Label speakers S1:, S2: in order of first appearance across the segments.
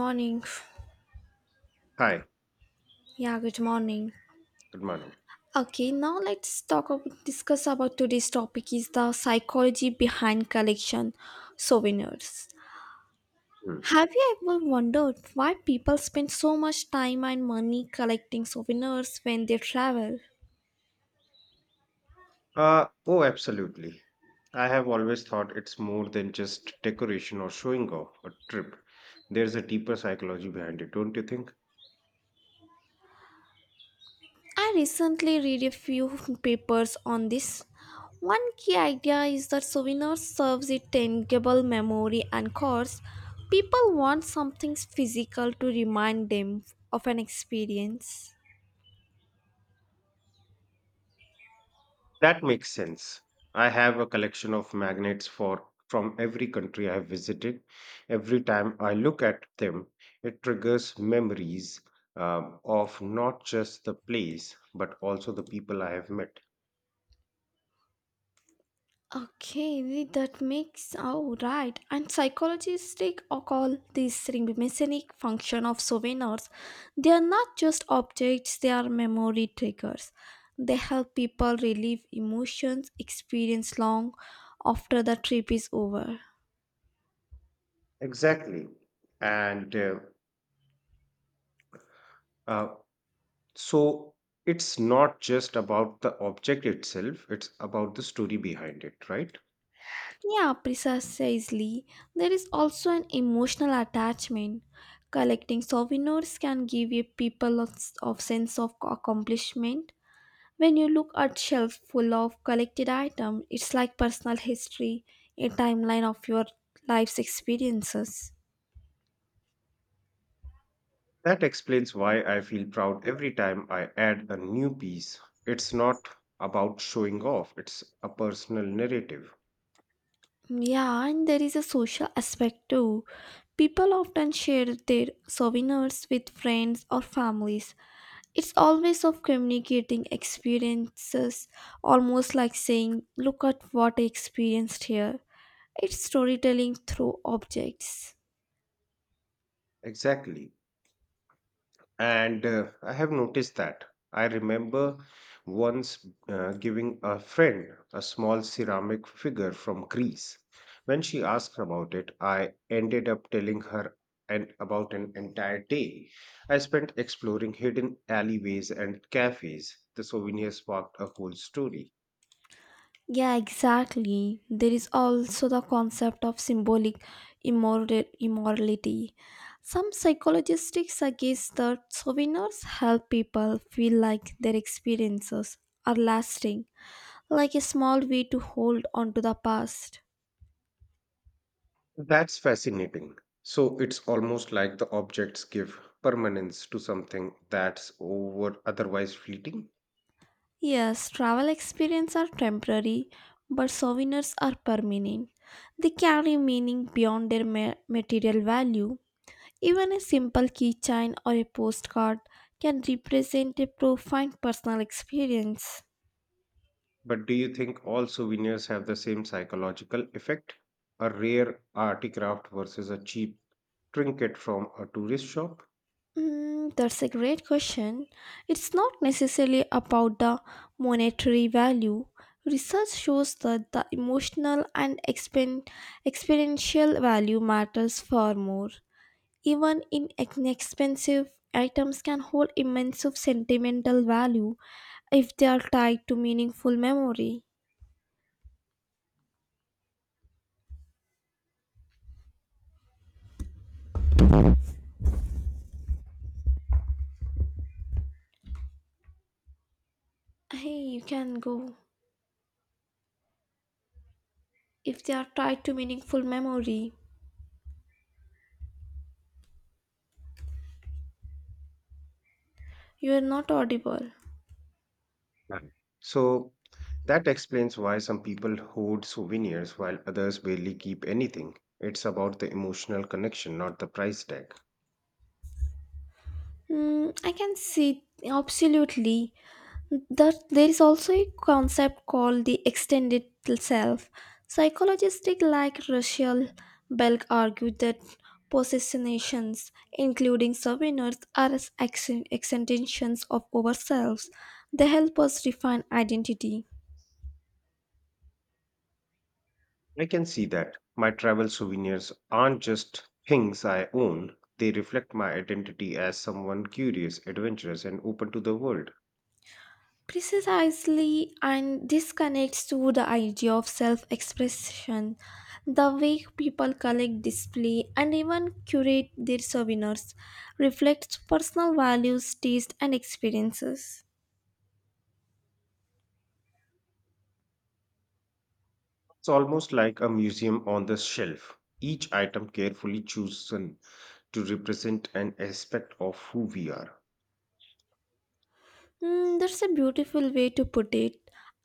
S1: Morning.
S2: Hi,
S1: Yeah, good morning.
S2: good morning.
S1: Okay, now let's talk about discuss about today's topic is the psychology behind collection souvenirs.
S2: Hmm.
S1: Have you ever wondered why people spend so much time and money collecting souvenirs when they travel?
S2: Oh, absolutely. I have always thought it's more than just decoration or showing off a trip. There's a deeper psychology behind it, don't you think?
S1: I recently read a few papers on this. One key idea is that souvenirs serves a tangible memory and cause people want something physical to remind them of an experience.
S2: That makes sense. I have a collection of magnets for from every country I have visited. Every time I look at them, it triggers memories of not just the place, but also the people I have met.
S1: Okay, that makes oh right. And psychologists take or call these mnemonic function of souvenirs. They are not just objects; they are memory triggers. They help people relieve emotions experience long after the trip is over.
S2: Exactly. And uh, So it's not just about the object itself, it's about the story behind it, right?
S1: Yeah, precisely. There is also an emotional attachment. Collecting souvenirs can give a people a s- of sense of accomplishment. When you look at shelves full of collected items, it's like personal history, a timeline of your life's experiences.
S2: That explains why I feel proud every time I add a new piece. It's not about showing off, it's a personal narrative.
S1: Yeah, and there is a social aspect too. People often share their souvenirs with friends or families. It's always of communicating experiences, almost like saying, look at what I experienced here. It's storytelling through objects.
S2: Exactly. And I have noticed that. I remember once giving a friend a small ceramic figure from Greece. When she asked about it, I ended up telling her and about an entire day. I spent exploring hidden alleyways and cafes. The souvenir sparked a whole story.
S1: Yeah, exactly. There is also the concept of symbolic immorality. Some psychologists suggest that souvenirs help people feel like their experiences are lasting, like a small way to hold on to the past.
S2: That's fascinating. So it's almost like the objects give permanence to something that's over otherwise fleeting.
S1: Yes, travel experiences are temporary, but souvenirs are permanent. They carry meaning beyond their material value. Even a simple keychain or a postcard can represent a profound personal experience.
S2: But do you think all souvenirs have the same psychological effect? A rare articraft versus a cheap trinket from a tourist shop?
S1: Mm, that's a great question. It's not necessarily about the monetary value. Research shows that the emotional and experiential value matters far more. Even in inexpensive items can hold immense of sentimental value if they are tied to meaningful memory. Hey, you can go. If they are tied to meaningful memory. You are not audible.
S2: Right. So that explains why some people hoard souvenirs while others barely keep anything. It's about the emotional connection, not the price tag.
S1: Mm, I can see absolutely that there is also a concept called the extended self. Psychologists like Rachel Belk argue that possessions, including souvenirs, are as extensions of ourselves. They help us define identity.
S2: I can see that. My travel souvenirs aren't just things I own, they reflect my identity as someone curious, adventurous, and open to the world.
S1: Precisely, and this connects to the idea of self expression, the way people collect, display, and even curate their souvenirs reflects personal values, taste, and experiences.
S2: It's almost like a museum on the shelf, each item carefully chosen to represent an aspect of who we are.
S1: Mm, that's a beautiful way to put it.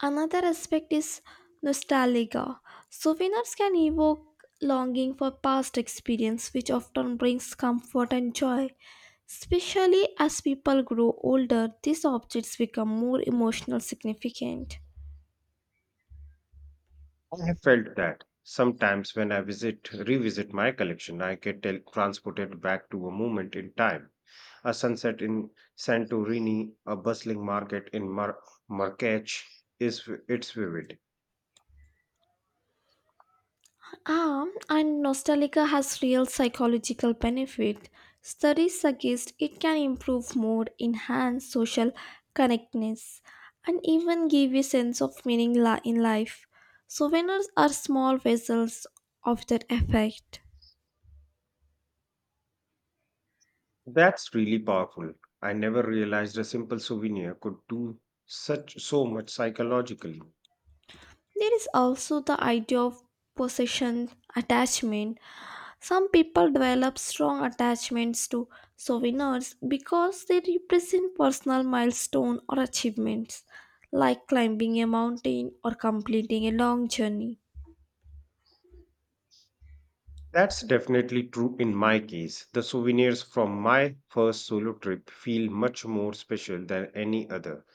S1: Another aspect is nostalgia. Souvenirs can evoke longing for past experience, which often brings comfort and joy. Especially as people grow older, these objects become more emotional significant.
S2: I have felt that sometimes when I visit revisit my collection, I get transported back to a moment in time. A sunset in Santorini, a bustling market in Marrakech is it's vivid.
S1: Ah, and nostalgia has real psychological benefit. Studies suggest it can improve mood, enhance social connectedness, and even give a sense of meaning in life. Souvenirs are small vessels of that effect.
S2: That's really powerful. I never realized a simple souvenir could do such so much psychologically.
S1: There is also the idea of possession attachment. Some people develop strong attachments to souvenirs because they represent personal milestones or achievements, like climbing a mountain or completing a long journey.
S2: That's definitely true in my case. The souvenirs from my first solo trip feel much more special than any other.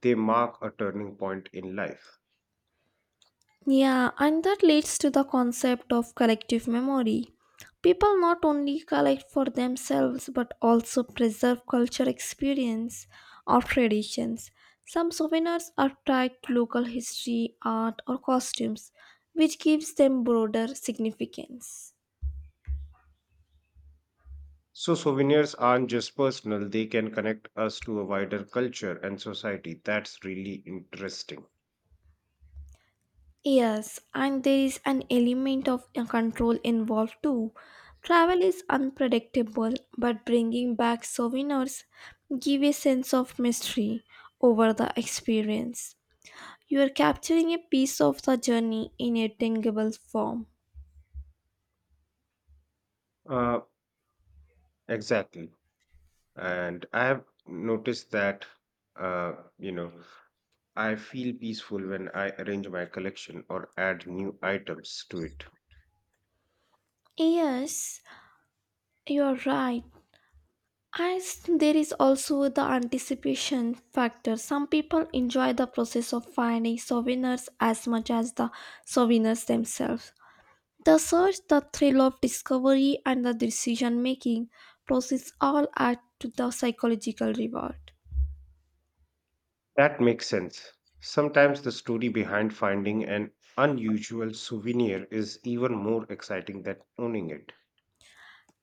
S2: They mark a turning point in life.
S1: Yeah, and that leads to the concept of collective memory. People not only collect for themselves but also preserve culture experience or traditions. Some souvenirs are tied to local history, art, or costumes, which gives them broader significance.
S2: So, souvenirs aren't just personal, they can connect us to a wider culture and society. That's really interesting.
S1: Yes, and there is an element of control involved too. Travel is unpredictable, but bringing back souvenirs give a sense of mystery over the experience. You are capturing a piece of the journey in a tangible form.
S2: Uh, exactly. And I have noticed that, uh, you know, I feel peaceful when I arrange my collection or add new items to it.
S1: Yes, you're right. As there is also the anticipation factor. Some people enjoy the process of finding souvenirs as much as the souvenirs themselves. The search, the thrill of discovery, and the decision making process all add to the psychological reward.
S2: That makes sense. Sometimes the story behind finding an unusual souvenir is even more exciting than owning it.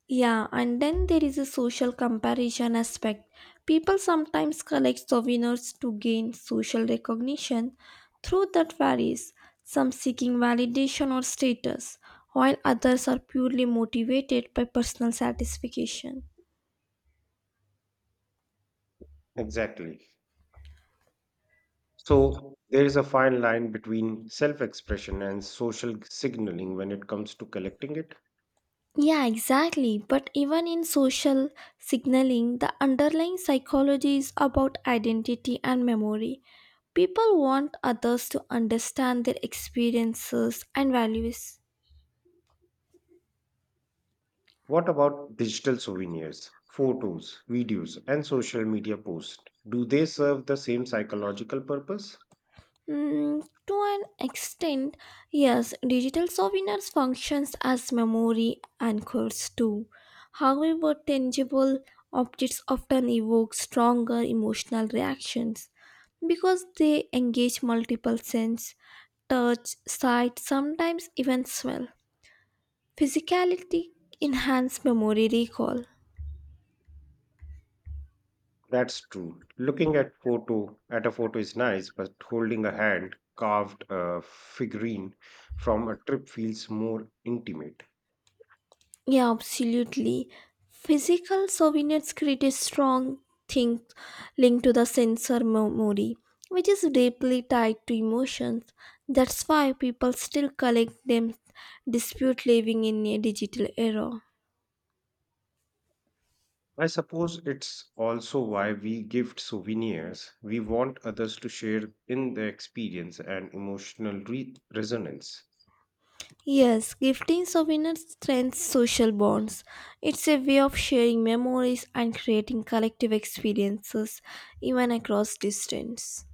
S1: Yeah, and then there is a social comparison aspect. People sometimes collect souvenirs to gain social recognition. Through that varies, some seeking validation or status, while others are purely motivated by personal satisfaction.
S2: Exactly. So, there is a fine line between self expression and social signaling when it comes to collecting it.
S1: Yeah, exactly. But even in social signaling, the underlying psychology is about identity and memory. People want others to understand their experiences and values.
S2: What about digital souvenirs, photos, videos, and social media posts? Do they serve the same psychological purpose?
S1: Mm, to an extent, yes, digital souvenirs functions as memory anchors too. However, tangible objects often evoke stronger emotional reactions because they engage multiple senses touch, sight, sometimes even smell. Physicality enhance memory recall.
S2: That's true. Looking at photo at a photo is nice, but holding a hand carved figurine from a trip feels more intimate.
S1: Yeah, absolutely. Physical souvenirs create a strong thing linked to the sensor memory, which is deeply tied to emotions. That's why people still collect them, dispute living in a digital era.
S2: I suppose it's also why we gift souvenirs. We want others to share in the experience and emotional resonance.
S1: Yes, gifting souvenirs strengthens social bonds. It's a way of sharing memories and creating collective experiences, even across distance.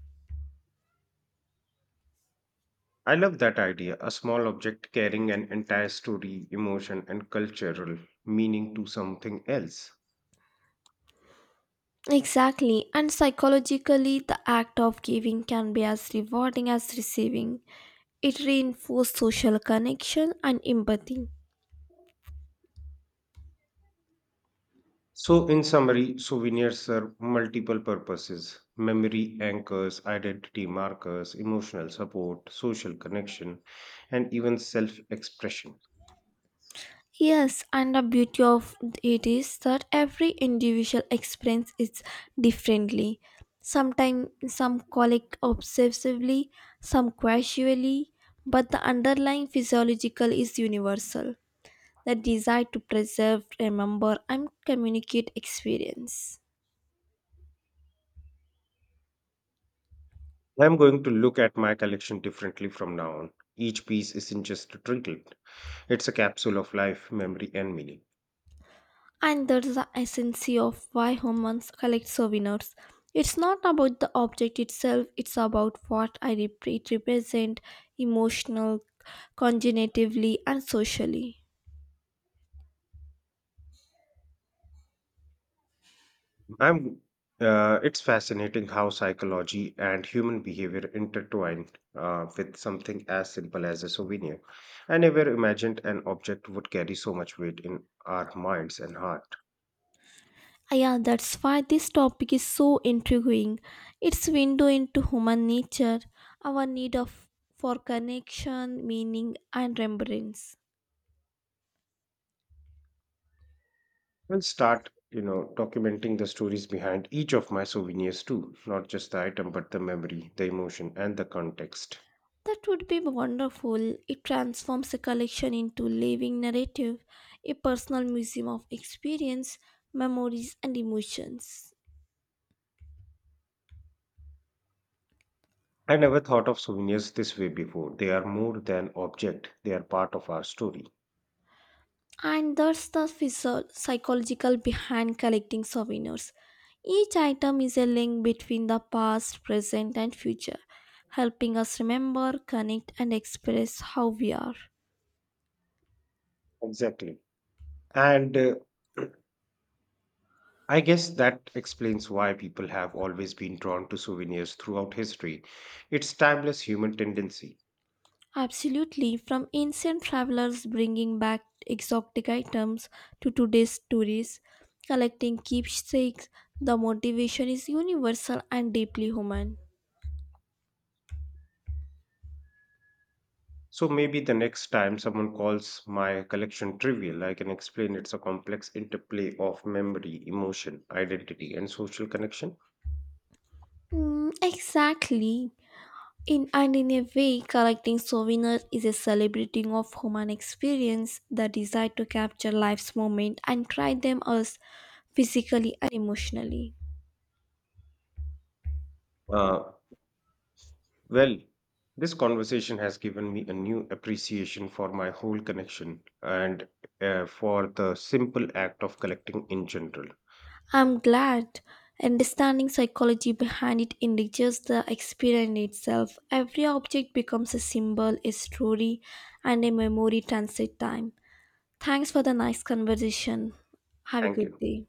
S2: I love that idea, a small object carrying an entire story, emotion, and cultural meaning to something else.
S1: Exactly, and psychologically, the act of giving can be as rewarding as receiving. It reinforces social connection and empathy.
S2: So, in summary, souvenirs serve multiple purposes memory anchors, identity markers, emotional support, social connection, and even self expression.
S1: Yes, and the beauty of it is that every individual experience it differently. Sometimes some collect obsessively, some casually, but the underlying physiological is universal. The desire to preserve, remember, and communicate experience.
S2: I'm going to look at my collection differently from now on. Each piece isn't just a trinket, it's a capsule of life, memory, and meaning.
S1: And that's the essence of why humans collect souvenirs. It's not about the object itself, it's about what it represents, emotional, cognitively, and socially.
S2: I'm It's fascinating how psychology and human behavior intertwine with something as simple as a souvenir. I never imagined an object would carry so much weight in our minds and heart.
S1: Ah, yeah, that's why this topic is so intriguing. It's window into human nature, our need of for connection, meaning, and remembrance.
S2: We'll start, you know, documenting the stories behind each of my souvenirs too, not just the item, but the memory, the emotion, and the context.
S1: That would be wonderful. It transforms a collection into living narrative, a personal museum of experience, memories, and emotions.
S2: I never thought of souvenirs this way before. They are more than object; they are part of our story.
S1: And that's the psychological behind collecting souvenirs. Each item is a link between the past, present, and future, helping us remember, connect, and express how we are.
S2: Exactly. And I guess that explains why people have always been drawn to souvenirs throughout history. It's timeless human tendency.
S1: Absolutely, from ancient travelers bringing back exotic items to today's tourists collecting keepsakes, the motivation is universal and deeply human.
S2: So maybe the next time someone calls my collection trivial, I can explain it's a complex interplay of memory, emotion, identity, and social connection.
S1: Mm, exactly. In a way, collecting souvenirs is a celebrating of human experience, the desire to capture life's moment and try them as physically and emotionally.
S2: Uh, well, this conversation has given me a new appreciation for my whole connection and for the simple act of collecting in general.
S1: I'm glad understanding psychology behind it enriches the experience itself. Every object becomes a symbol, a story, and a memory transit time. Thanks for the nice conversation. Have a
S2: Thank
S1: good
S2: you.
S1: day.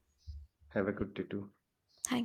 S2: Have a good day too.
S1: Thank